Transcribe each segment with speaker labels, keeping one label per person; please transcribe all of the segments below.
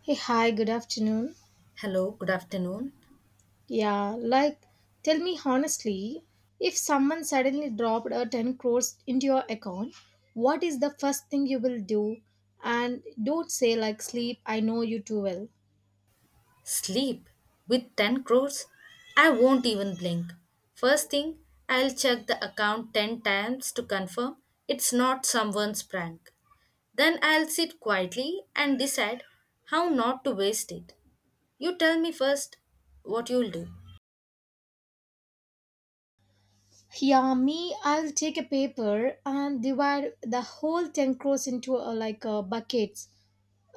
Speaker 1: Hey, hi, good afternoon.
Speaker 2: Hello, good afternoon.
Speaker 1: Yeah, like, tell me honestly, if someone suddenly dropped a 10 crores into your account, what is the first thing you will do? And don't say, like, sleep, I know you too well.
Speaker 2: Sleep with 10 crores? I won't even blink. First thing, I'll check the account 10 times to confirm it's not someone's prank. Then I'll sit quietly and decide how not to waste it. You tell me first what you'll do.
Speaker 1: Yeah, me, I'll take a paper and divide the whole 10 crores into buckets.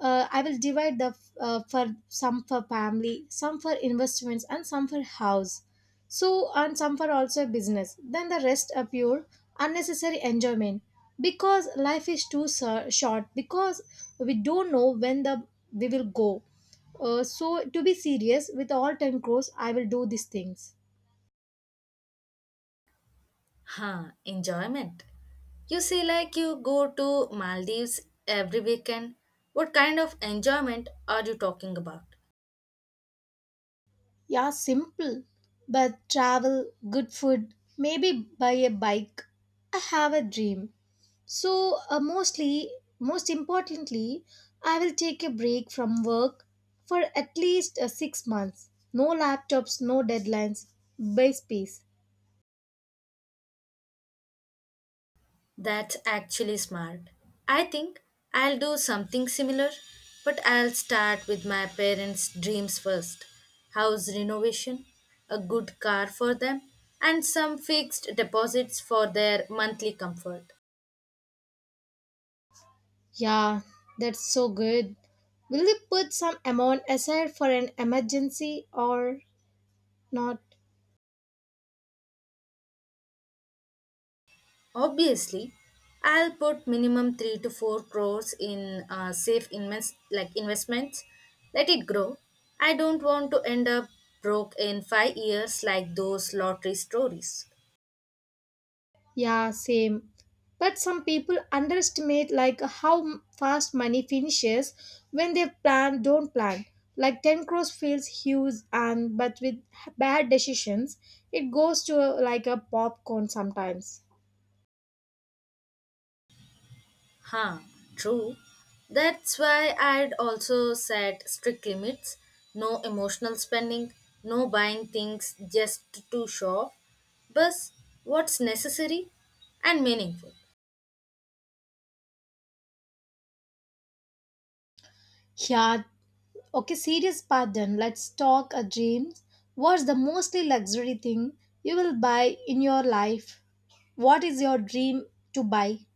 Speaker 1: I will divide the for some for family, some for investments, and some for house. So and some for also business. Then the rest are pure unnecessary enjoyment because life is too short. Because we don't know when the we will go. So to be serious, with all ten crores, I will do these things.
Speaker 2: Huh, enjoyment. You say, like you go to Maldives every weekend. What kind of enjoyment are you talking about?
Speaker 1: Yeah, simple. But travel, good food, maybe buy a bike. I have a dream. So, most importantly, I will take a break from work for at least six months. No laptops, no deadlines, base peace.
Speaker 2: That's actually smart. I think I'll do something similar, but I'll start with my parents' dreams first: house renovation, a good car for them, and some fixed deposits for their monthly comfort.
Speaker 1: Yeah, that's so good. Will you put some amount aside for an emergency or not?
Speaker 2: Obviously, I'll put minimum 3 to 4 crores in safe investments, let it grow. I don't want to end up broke in 5 years like those lottery stories.
Speaker 1: Yeah, same. But some people underestimate like how fast money finishes when they plan don't plan. Like 10 crores feels huge and but with bad decisions it goes to like a popcorn sometimes.
Speaker 2: Huh, true. That's why I'd also set strict limits: no emotional spending, no buying things just to show off, but what's necessary and meaningful.
Speaker 1: Yeah, okay, serious pardon. Let's talk a dream. What's the mostly luxury thing you will buy in your life? What is your dream to buy?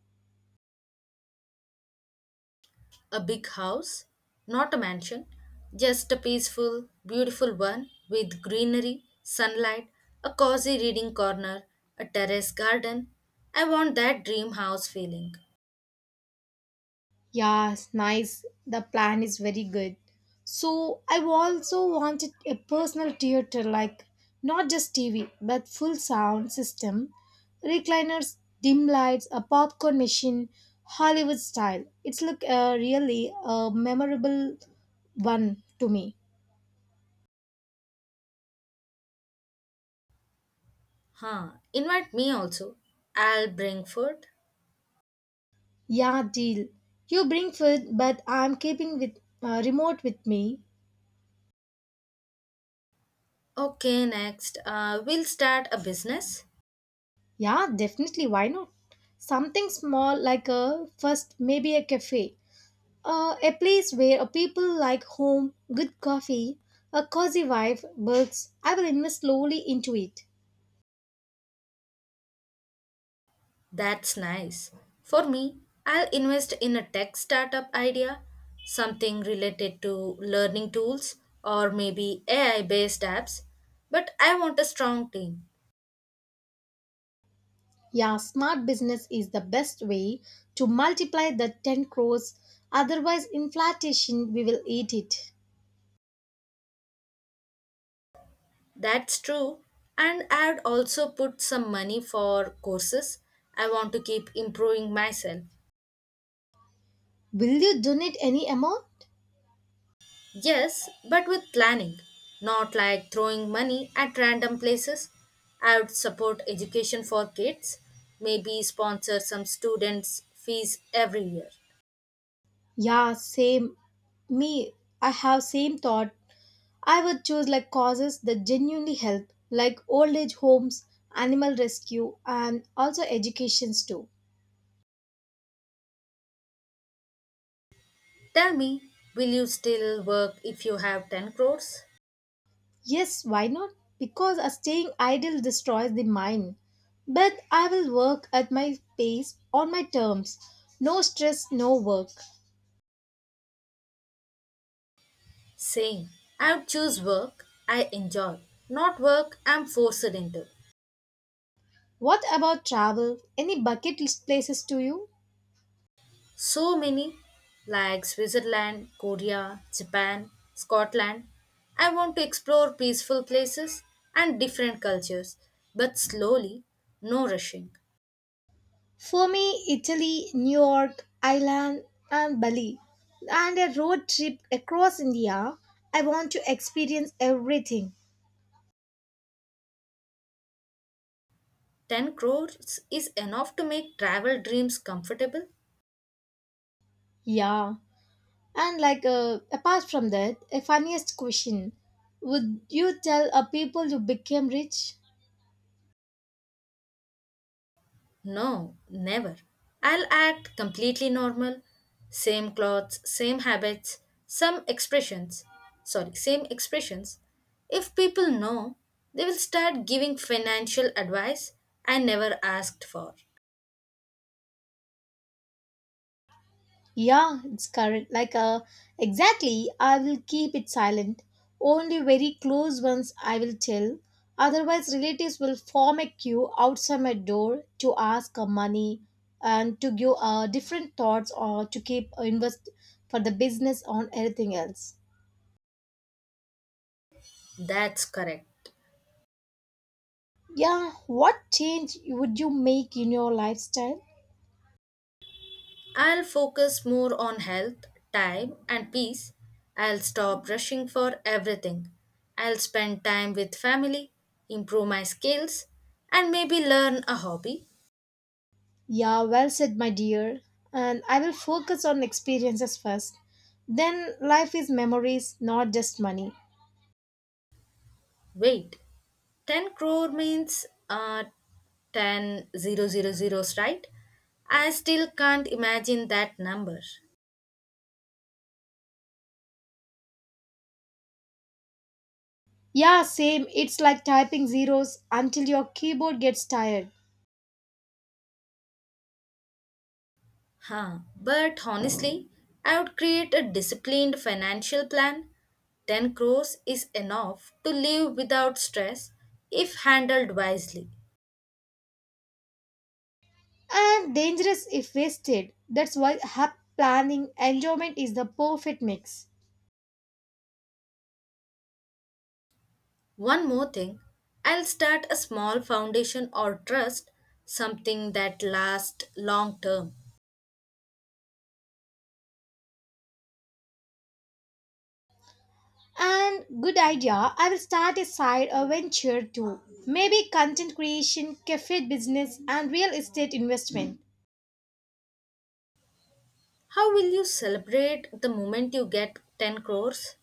Speaker 2: A big house, not a mansion, just a peaceful, beautiful one with greenery, sunlight, a cozy reading corner, a terrace garden. I want that dream house feeling.
Speaker 1: Yes, nice. The plan is very good. So I also wanted a personal theater like not just TV but full sound system, recliners, dim lights, a popcorn machine, Hollywood style. It's look really a memorable one to me.
Speaker 2: Huh, invite me also. I'll bring food.
Speaker 1: Yeah, deal. You bring food, but I'm keeping with remote with me.
Speaker 2: Okay, next. We'll start a business.
Speaker 1: Yeah, definitely. Why not? Something small like a first maybe a cafe. A place where a people like home, good coffee, a cozy wife, books. I will invest slowly into it.
Speaker 2: That's nice. For me, I'll invest in a tech startup idea, something related to learning tools or maybe AI based apps. But I want a strong team.
Speaker 1: Yeah, smart business is the best way to multiply the 10 crores. Otherwise, inflation, we will eat it.
Speaker 2: That's true. And I'd also put some money for courses. I want to keep improving myself.
Speaker 1: Will you donate any amount?
Speaker 2: Yes, but with planning, not like throwing money at random places. I would support education for kids, maybe sponsor some students' fees every year.
Speaker 1: Yeah, same. Me, I have same thought. I would choose like causes that genuinely help, like old age homes, animal rescue, and also educations too.
Speaker 2: Tell me, will you still work if you have 10 crores?
Speaker 1: Yes, why not? Because staying idle destroys the mind. But I will work at my pace, on my terms. No stress, no work.
Speaker 2: Same. I would choose work I enjoy, not work I'm forced into.
Speaker 1: What about travel? Any bucket list places to you?
Speaker 2: So many, like Switzerland, Korea, Japan, Scotland. I want to explore peaceful places and different cultures, but slowly, no rushing.
Speaker 1: For me, Italy, New York, Ireland, and Bali. And a road trip across India. I want to experience everything.
Speaker 2: 10 crores is enough to make travel dreams comfortable.
Speaker 1: Yeah. And like apart from that, a funniest question. Would you tell a people you became rich?
Speaker 2: No, never. I'll act completely normal. Same clothes, same habits, some expressions. Sorry, same expressions. If people know, they will start giving financial advice I never asked for.
Speaker 1: Yeah, it's current. Exactly. I will keep it silent. Only very close ones I will tell. Otherwise, relatives will form a queue outside my door to ask money and to give different thoughts or to keep invest for the business on everything else.
Speaker 2: That's correct.
Speaker 1: Yeah, what change would you make in your lifestyle?
Speaker 2: I'll focus more on health, time, and peace. I'll stop rushing for everything. I'll spend time with family, improve my skills, and maybe learn a hobby.
Speaker 1: Yeah, well said, my dear. And I will focus on experiences first. Then life is memories, not just money.
Speaker 2: Wait, 10 crore means ten zero zero zeros, right? I still can't imagine that number.
Speaker 1: Yeah, same. It's like typing zeros until your keyboard gets tired.
Speaker 2: Huh. But honestly, I would create a disciplined financial plan. 10 crores is enough to live without stress if handled wisely.
Speaker 1: And dangerous if wasted. That's why hub planning enjoyment is the perfect mix.
Speaker 2: One more thing, I'll start a small foundation or trust, something that lasts long term.
Speaker 1: And good idea. I will start a side venture too. Maybe content creation, cafe business, and real estate investment.
Speaker 2: How will you celebrate the moment you get 10 crores?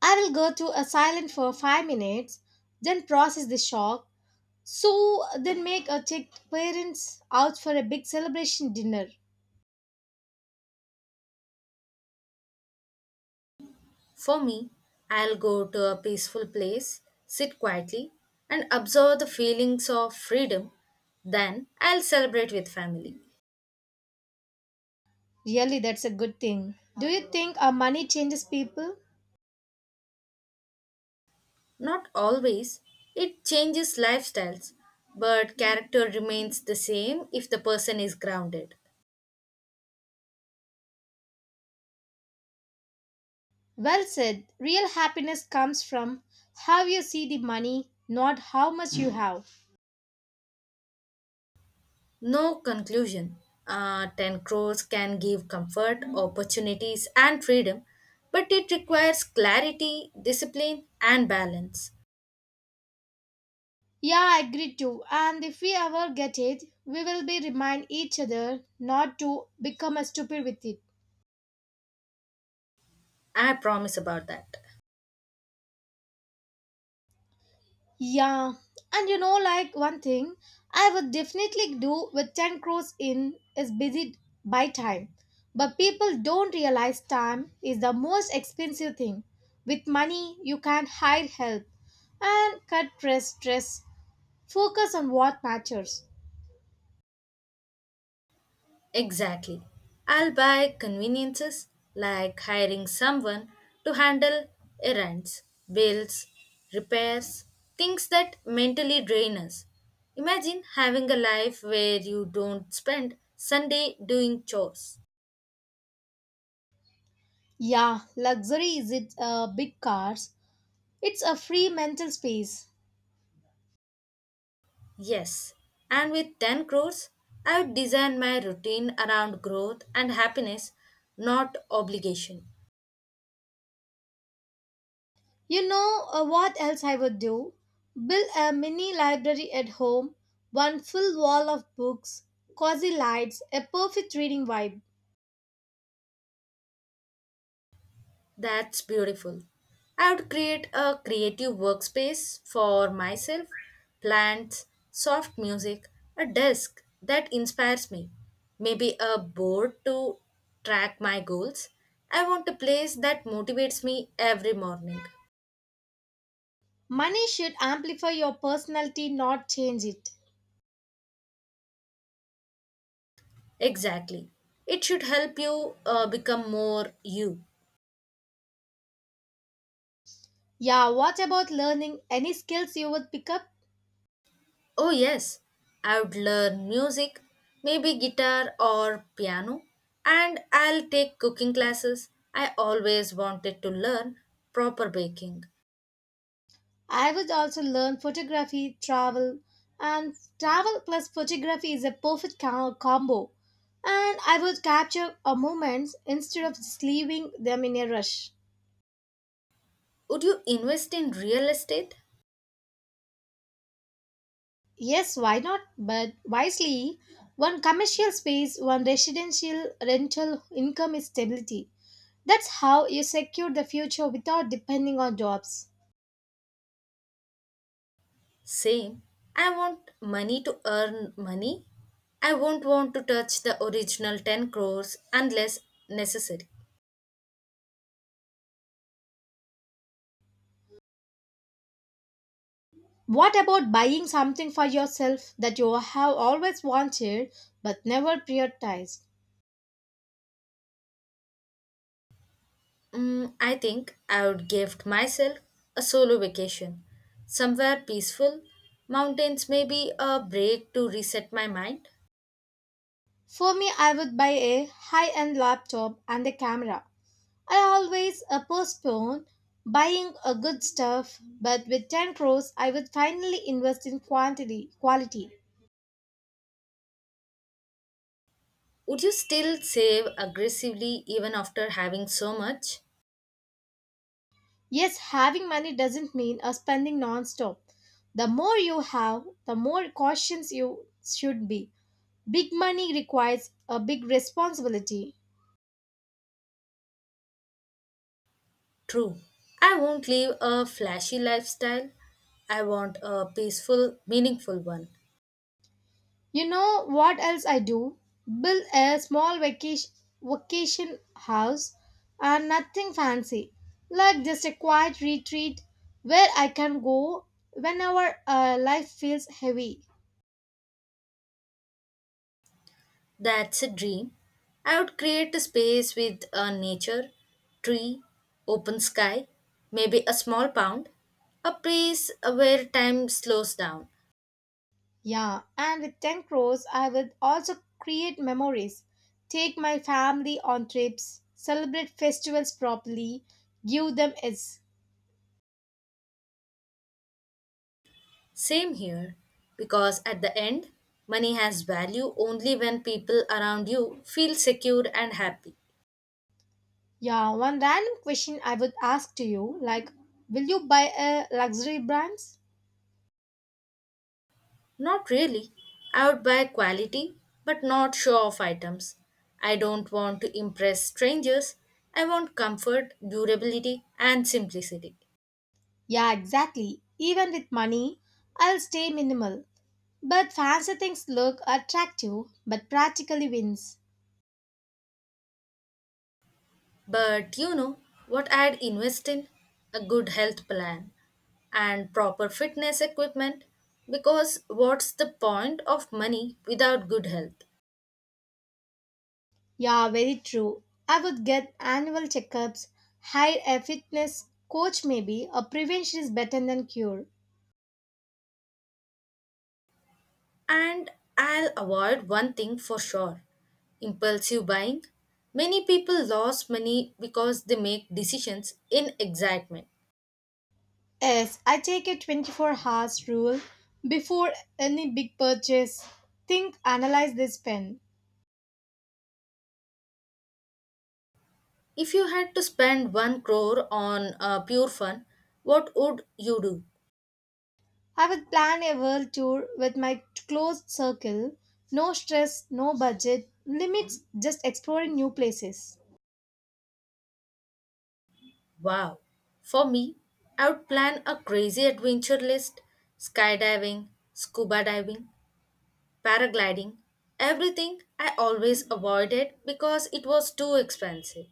Speaker 1: I will go to a silent for five minutes, then process the shock. So then make a take parents out for a big celebration dinner.
Speaker 2: For me, I'll go to a peaceful place, sit quietly, and observe the feelings of freedom. Then I'll celebrate with family.
Speaker 1: Really, that's a good thing. Do you think our money changes people?
Speaker 2: Not always, it changes lifestyles, but character remains the same if the person is grounded.
Speaker 1: Well said. Real happiness comes from how you see the money, not how much you have.
Speaker 2: No conclusion. 10 crores can give comfort, opportunities, and freedom, but it requires clarity, discipline, and balance.
Speaker 1: Yeah, I agree too. And if we ever get it, we will be remind each other not to become a stupid with it.
Speaker 2: I promise about that.
Speaker 1: Yeah, and you know, like one thing I would definitely do with 10 crores in is busy by time. But people don't realize time is the most expensive thing. With money, you can hire help and cut stress. Focus on what matters.
Speaker 2: Exactly. I'll buy conveniences like hiring someone to handle errands, bills, repairs, things that mentally drain us. Imagine having a life where you don't spend Sunday doing chores.
Speaker 1: Yeah, luxury is it big cars, it's a free mental space.
Speaker 2: Yes, and with 10 crores, I would design my routine around growth and happiness, not obligation.
Speaker 1: You know what else I would do? Build a mini library at home, one full wall of books, cozy lights, a perfect reading vibe.
Speaker 2: That's beautiful. I would create a creative workspace for myself, plants, soft music, a desk that inspires me, maybe a board to track my goals. I want a place that motivates me every morning.
Speaker 1: Money should amplify your personality, not change it.
Speaker 2: Exactly. It should help you become more you.
Speaker 1: Yeah, what about learning any skills you would pick up?
Speaker 2: Oh, yes, I would learn music, maybe guitar or piano, and I'll take cooking classes. I always wanted to learn proper baking.
Speaker 1: I would also learn photography, travel, and travel plus photography is a perfect combo. And I would capture a moments instead of just leaving them in a rush.
Speaker 2: Would you invest in real estate?
Speaker 1: Yes, why not? But wisely, one commercial space, one residential rental income is stability. That's how you secure the future without depending on jobs.
Speaker 2: Same. I want money to earn money. I won't want to touch the original 10 crores unless necessary.
Speaker 1: What about buying something for yourself that you have always wanted but never prioritized?
Speaker 2: Mm, I think I would give myself a solo vacation, somewhere peaceful, mountains maybe a break to reset my mind.
Speaker 1: For me, I would buy a high end laptop and a camera. I always postpone buying a good stuff, but with 10 crores, I would finally invest in quality.
Speaker 2: Would you still save aggressively even after having so much?
Speaker 1: Yes, having money doesn't mean spending non-stop. The more you have, the more cautious you should be. Big money requires a big responsibility.
Speaker 2: True. I won't live a flashy lifestyle. I want a peaceful, meaningful one.
Speaker 1: You know what else I do? Build a small vacation house and nothing fancy. Like just a quiet retreat where I can go whenever life feels heavy.
Speaker 2: That's a dream. I would create a space with a nature, tree, open sky, maybe a small pond, a place where time slows down.
Speaker 1: Yeah, and with 10 crores, I will also create memories, take my family on trips, celebrate festivals properly, give them is.
Speaker 2: Same here, because at the end, money has value only when people around you feel secure and happy.
Speaker 1: Yeah, one random question I would ask to you like, will you buy a luxury brands?
Speaker 2: Not really. I would buy quality, but not show off items. I don't want to impress strangers. I want comfort, durability, and simplicity.
Speaker 1: Yeah, exactly. Even with money, I'll stay minimal. But fancy things look attractive, but practically wins.
Speaker 2: But you know what I'd invest in? A good health plan and proper fitness equipment because what's the point of money without good health?
Speaker 1: Yeah, very true. I would get annual checkups, hire a fitness coach maybe, or prevention is better than cure.
Speaker 2: And I'll avoid one thing for sure: impulsive buying. Many people lose money because they make decisions in excitement.
Speaker 1: Yes, I take a 24 hours rule before any big purchase. Think, analyze this pen.
Speaker 2: If you had to spend 1 crore on pure fun, what would you do?
Speaker 1: I would plan a world tour with my closed circle. No stress, no budget, limits, just exploring new places.
Speaker 2: Wow. For me, I would plan a crazy adventure list: skydiving, scuba diving, paragliding, everything I always avoided because it was too expensive.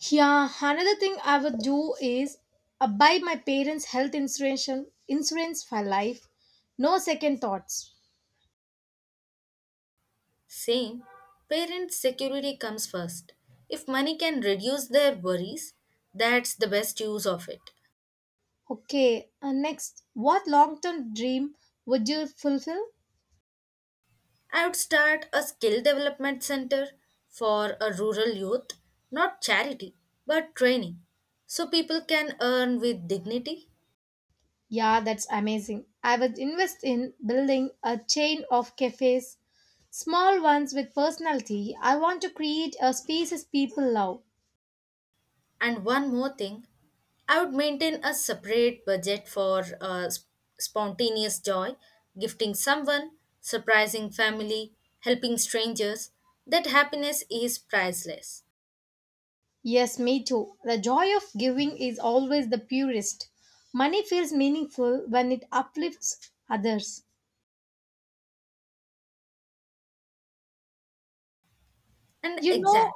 Speaker 1: Yeah, another thing I would do is buy my parents' health insurance for life. No second thoughts.
Speaker 2: Same, parents' security comes first. If money can reduce their worries, that's the best use of it.
Speaker 1: Okay, next, what long-term dream would you fulfill?
Speaker 2: I would start a skill development center for a rural youth, not charity, but training, so people can earn with dignity.
Speaker 1: Yeah, that's amazing. I would invest in building a chain of cafes, small ones with personality. I want to create a spaces people love.
Speaker 2: And one more thing, I would maintain a separate budget for spontaneous joy, gifting someone, surprising family, helping strangers. That happiness is priceless.
Speaker 1: Yes, me too. The joy of giving is always the purest. Money feels meaningful when it uplifts others.
Speaker 2: And
Speaker 1: You know,
Speaker 2: exact,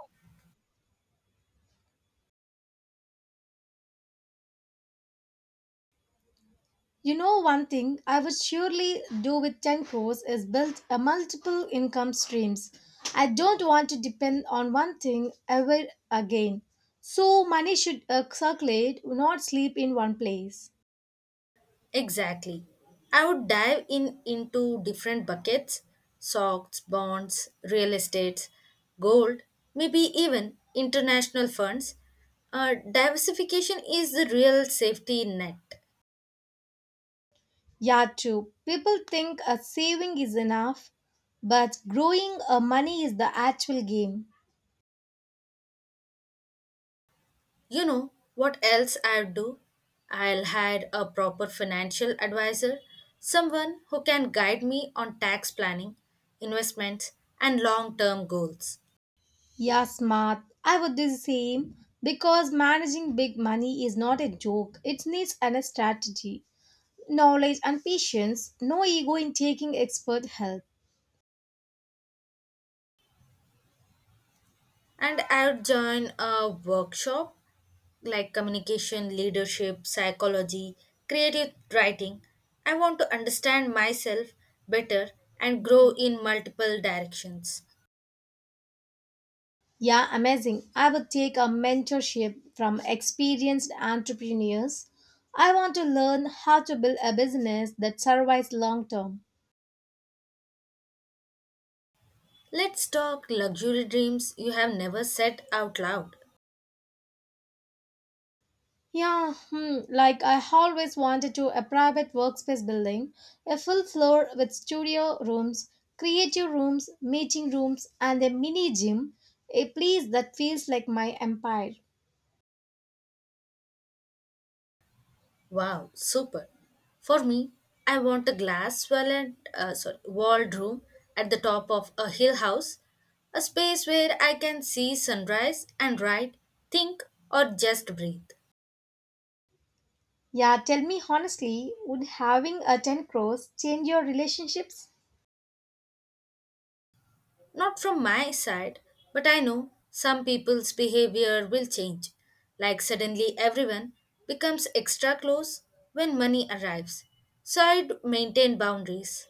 Speaker 1: you know one thing I would surely do with 10 crores is build a multiple income streams. I don't want to depend on one thing ever again. So money should circulate, not sleep in one place.
Speaker 2: exactly. I would dive in into different buckets: stocks, bonds, real estates, gold, maybe even international funds. Diversification is the real safety net.
Speaker 1: Yeah, true. People think a saving is enough, but growing a money is the actual game.
Speaker 2: You know what else I will do? I'll hire a proper financial advisor, someone who can guide me on tax planning, investments, and long term goals.
Speaker 1: Yeah, smart. I would do the same because managing big money is not a joke. It needs an strategy, knowledge, and patience. No ego in taking expert help.
Speaker 2: And I'll join a workshop like communication, leadership, psychology, creative writing. I want to understand myself better and grow in multiple directions.
Speaker 1: Yeah, amazing. I would take a mentorship from experienced entrepreneurs. I want to learn how to build a business that survives long term.
Speaker 2: Let's talk luxury dreams you have never said out loud.
Speaker 1: Yeah, hmm, like I always wanted to a private workspace building, a full floor with studio rooms, creative rooms, meeting rooms, and a mini gym, a place that feels like my empire.
Speaker 2: Wow, super. For me, I want a glass walled room at the top of a hill house, a space where I can see sunrise and write, think, or just breathe.
Speaker 1: Yeah, tell me honestly, would having a 10 crores change your relationships?
Speaker 2: Not from my side, but I know some people's behavior will change. Like suddenly everyone becomes extra close when money arrives. So I'd maintain boundaries.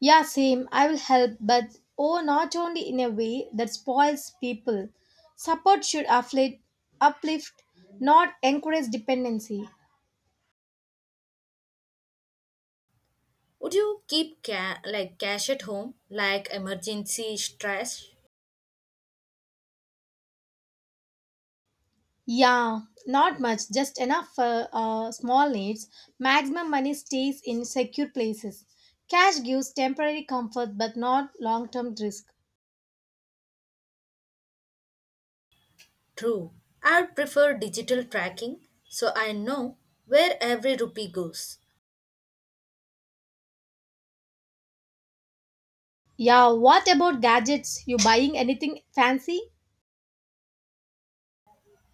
Speaker 1: Yeah, same. I will help, but oh, not only in a way that spoils people. Support should uplift, not encourage dependency.
Speaker 2: Would you keep cash at home, like emergency stress?
Speaker 1: Yeah, not much, just enough for small needs. Maximum money stays in secure places. Cash gives temporary comfort but not long term risk.
Speaker 2: True. I prefer digital tracking so I know where every rupee goes.
Speaker 1: Yeah, what about gadgets? You buying anything fancy?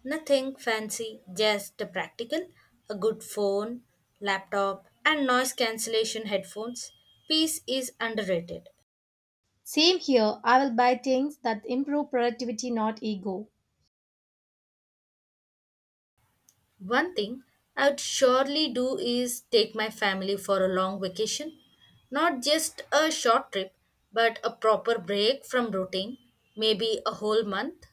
Speaker 2: Nothing fancy, just the practical, a good phone, laptop, and noise cancellation headphones. Peace is underrated.
Speaker 1: Same here. I will buy things that improve productivity, not ego.
Speaker 2: One thing I would surely do is take my family for a long vacation. Not just a short trip, but a proper break from routine, maybe a whole month.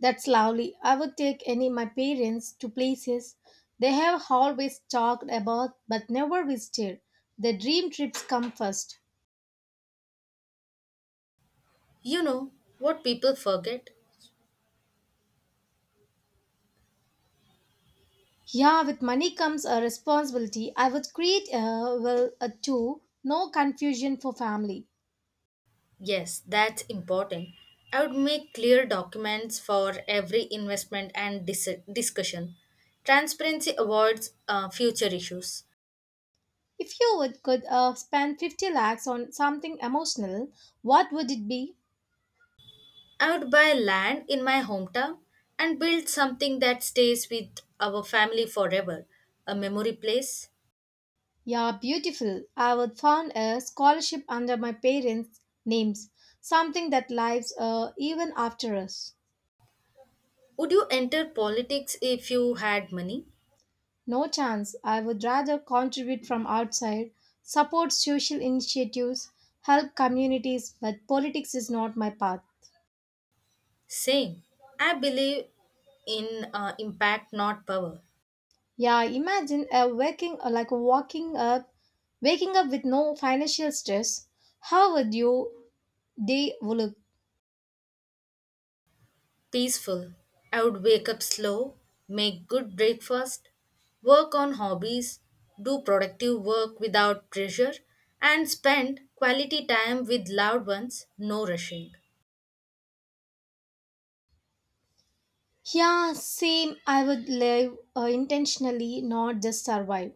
Speaker 1: That's lovely. I would take any my parents to places they have always talked about but never visited. The dream trips come first.
Speaker 2: You know what people forget?
Speaker 1: Yeah, with money comes a responsibility. I would create a well a two, no confusion for family.
Speaker 2: Yes, that's important. I would make clear documents for every investment and discussion. Transparency avoids future issues.
Speaker 1: If you would could spend 50 lakhs on something emotional, what would it be?
Speaker 2: I would buy land in my hometown and build something that stays with our family forever: a memory place.
Speaker 1: Yeah, beautiful. I would found a scholarship under my parents' names, something that lives even after us.
Speaker 2: Would you enter politics if you had money?
Speaker 1: No chance. I would rather contribute from outside, support social initiatives, help communities, but politics is not my path.
Speaker 2: Same. I believe in impact, not power.
Speaker 1: Yeah, imagine a waking like walking up, waking up with no financial stress. How would you day look?
Speaker 2: Peaceful. I would wake up slow, make good breakfast, work on hobbies, do productive work without pressure, and spend quality time with loved ones, no rushing.
Speaker 1: Yeah, same. I would live intentionally, not just survive.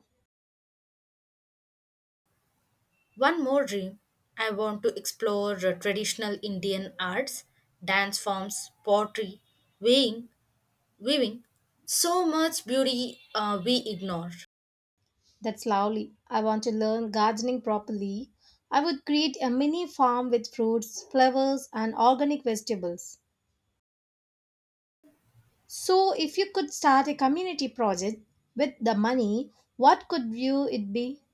Speaker 2: One more dream: I want to explore traditional Indian arts, dance forms, pottery, weighing, weaving, so much beauty we ignore.
Speaker 1: That's lovely. I want to learn gardening properly. I would create a mini farm with fruits, flowers, and organic vegetables. So, if you could start a community project with the money, what could you it be?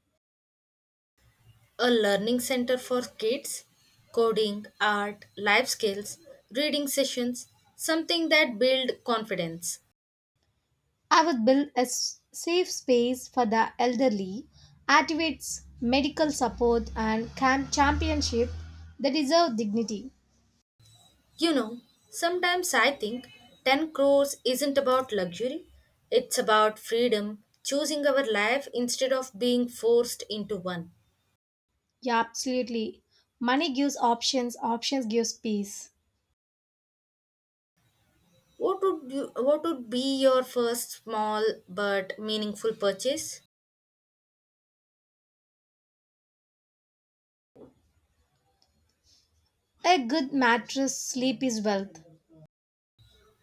Speaker 2: A learning center for kids: coding, art, life skills, reading sessions, something that build confidence.
Speaker 1: I would build a safe space for the elderly, activates medical support and camp championship that deserve dignity.
Speaker 2: You know, sometimes I think 10 crores isn't about luxury, it's about freedom, choosing our life instead of being forced into one.
Speaker 1: Yeah, absolutely. Money gives options, options gives peace.
Speaker 2: What would be your first small but meaningful purchase?
Speaker 1: A good mattress sleep is wealth.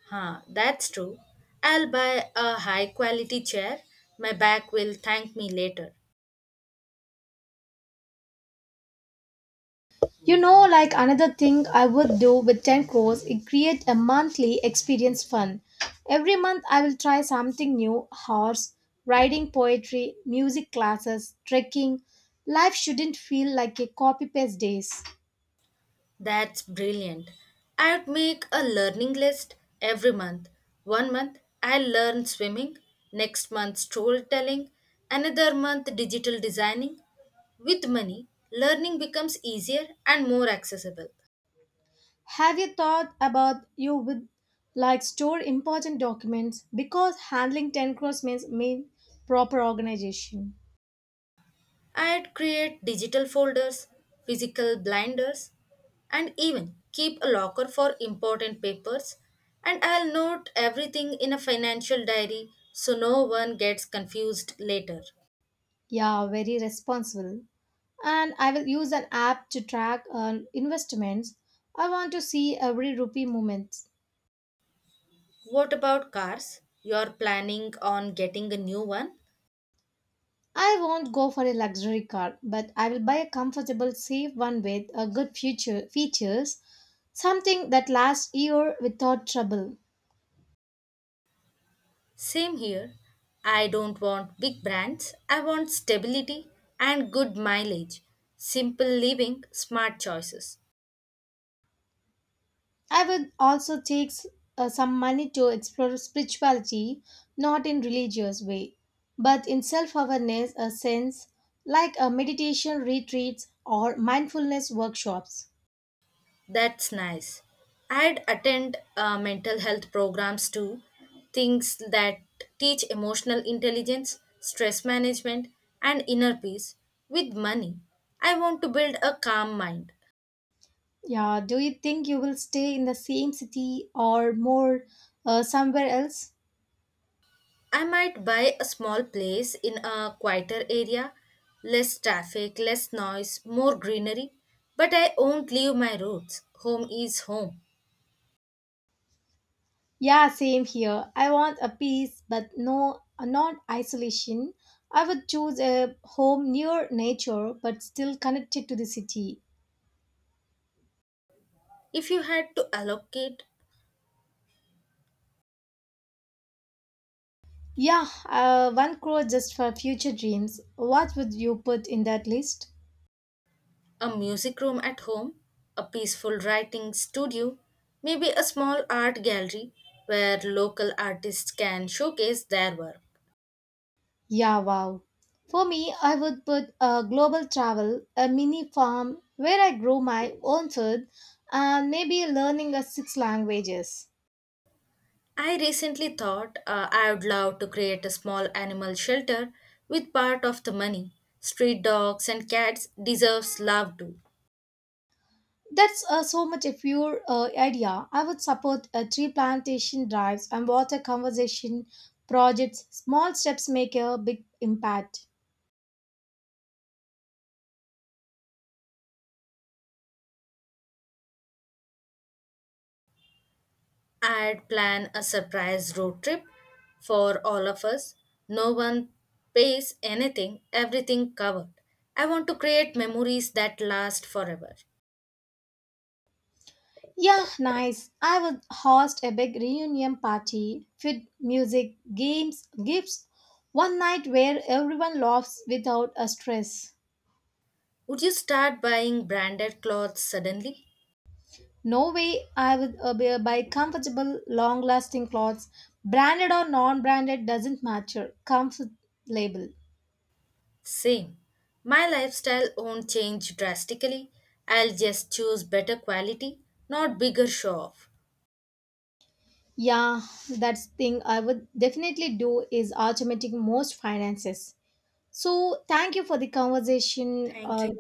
Speaker 2: Huh, that's true. I'll buy a high quality chair. My back will thank me later.
Speaker 1: You know, like another thing I would do with 10 crores is create a monthly experience fund. Every month I will try something new horse, riding poetry, music classes, trekking. Life shouldn't feel like a copy paste days.
Speaker 2: That's brilliant. I'd make a learning list every month. One month I'll learn swimming, next month storytelling, another month digital designing. With money, learning becomes easier and more accessible.
Speaker 1: Have you thought about you would like store important documents because handling 10 crores means mean proper organization.
Speaker 2: I'd create digital folders, physical blinders, and even keep a locker for important papers. And I'll note everything in a financial diary so no one gets confused later.
Speaker 1: Yeah, very responsible. And I will use an app to track investments. I want to see every rupee movements.
Speaker 2: What about cars? You're planning on getting a new one?
Speaker 1: I won't go for a luxury car, but I will buy a comfortable, safe one with a good future features, something that lasts year without trouble.
Speaker 2: Same here. I don't want big brands. I want stability and good mileage. Simple living, smart choices.
Speaker 1: I will also take some money to explore spirituality, not in religious way, but in self-awareness, a sense like a meditation retreats or mindfulness workshops.
Speaker 2: That's nice. I'd attend mental health programs too, things that teach emotional intelligence, stress management, and inner peace with money. I want to build a calm mind.
Speaker 1: Yeah, do you think you will stay in the same city or more somewhere else?
Speaker 2: I might buy a small place in a quieter area, less traffic, less noise, more greenery, but I won't leave my roots. Home is home.
Speaker 1: Yeah, same here. I want a peace, but no, not isolation. I would choose a home near nature, but still connected to the city.
Speaker 2: If you had to allocate
Speaker 1: Yeah, one crore just for future dreams. What would you put in that list?
Speaker 2: a music room at home, a peaceful writing studio, maybe a small art gallery where local artists can showcase their work,
Speaker 1: Yeah, wow. For me, I would put a global travel, a mini farm where I grow my own food, and maybe learning a six languages.
Speaker 2: I recently thought I would love to create a small animal shelter with part of the money. Street dogs and cats deserves love too.
Speaker 1: That's so much a pure idea. I would support tree plantation drives and water conservation projects. Small steps make a big impact.
Speaker 2: I'd plan a surprise road trip for all of us. No one pays anything, everything covered. I want to create memories that last forever.
Speaker 1: Yeah, nice. I would host a big reunion party, food, music, games, gifts, one night where everyone laughs without a stress.
Speaker 2: Would you start buying branded clothes suddenly?
Speaker 1: No way I would buy comfortable, long lasting clothes. Branded or non branded doesn't matter. Comfort label.
Speaker 2: Same. My lifestyle won't change drastically. I'll just choose better quality, not bigger show off.
Speaker 1: Yeah, that's thing I would definitely do is automating most finances. So thank you for the conversation.
Speaker 2: Thank you.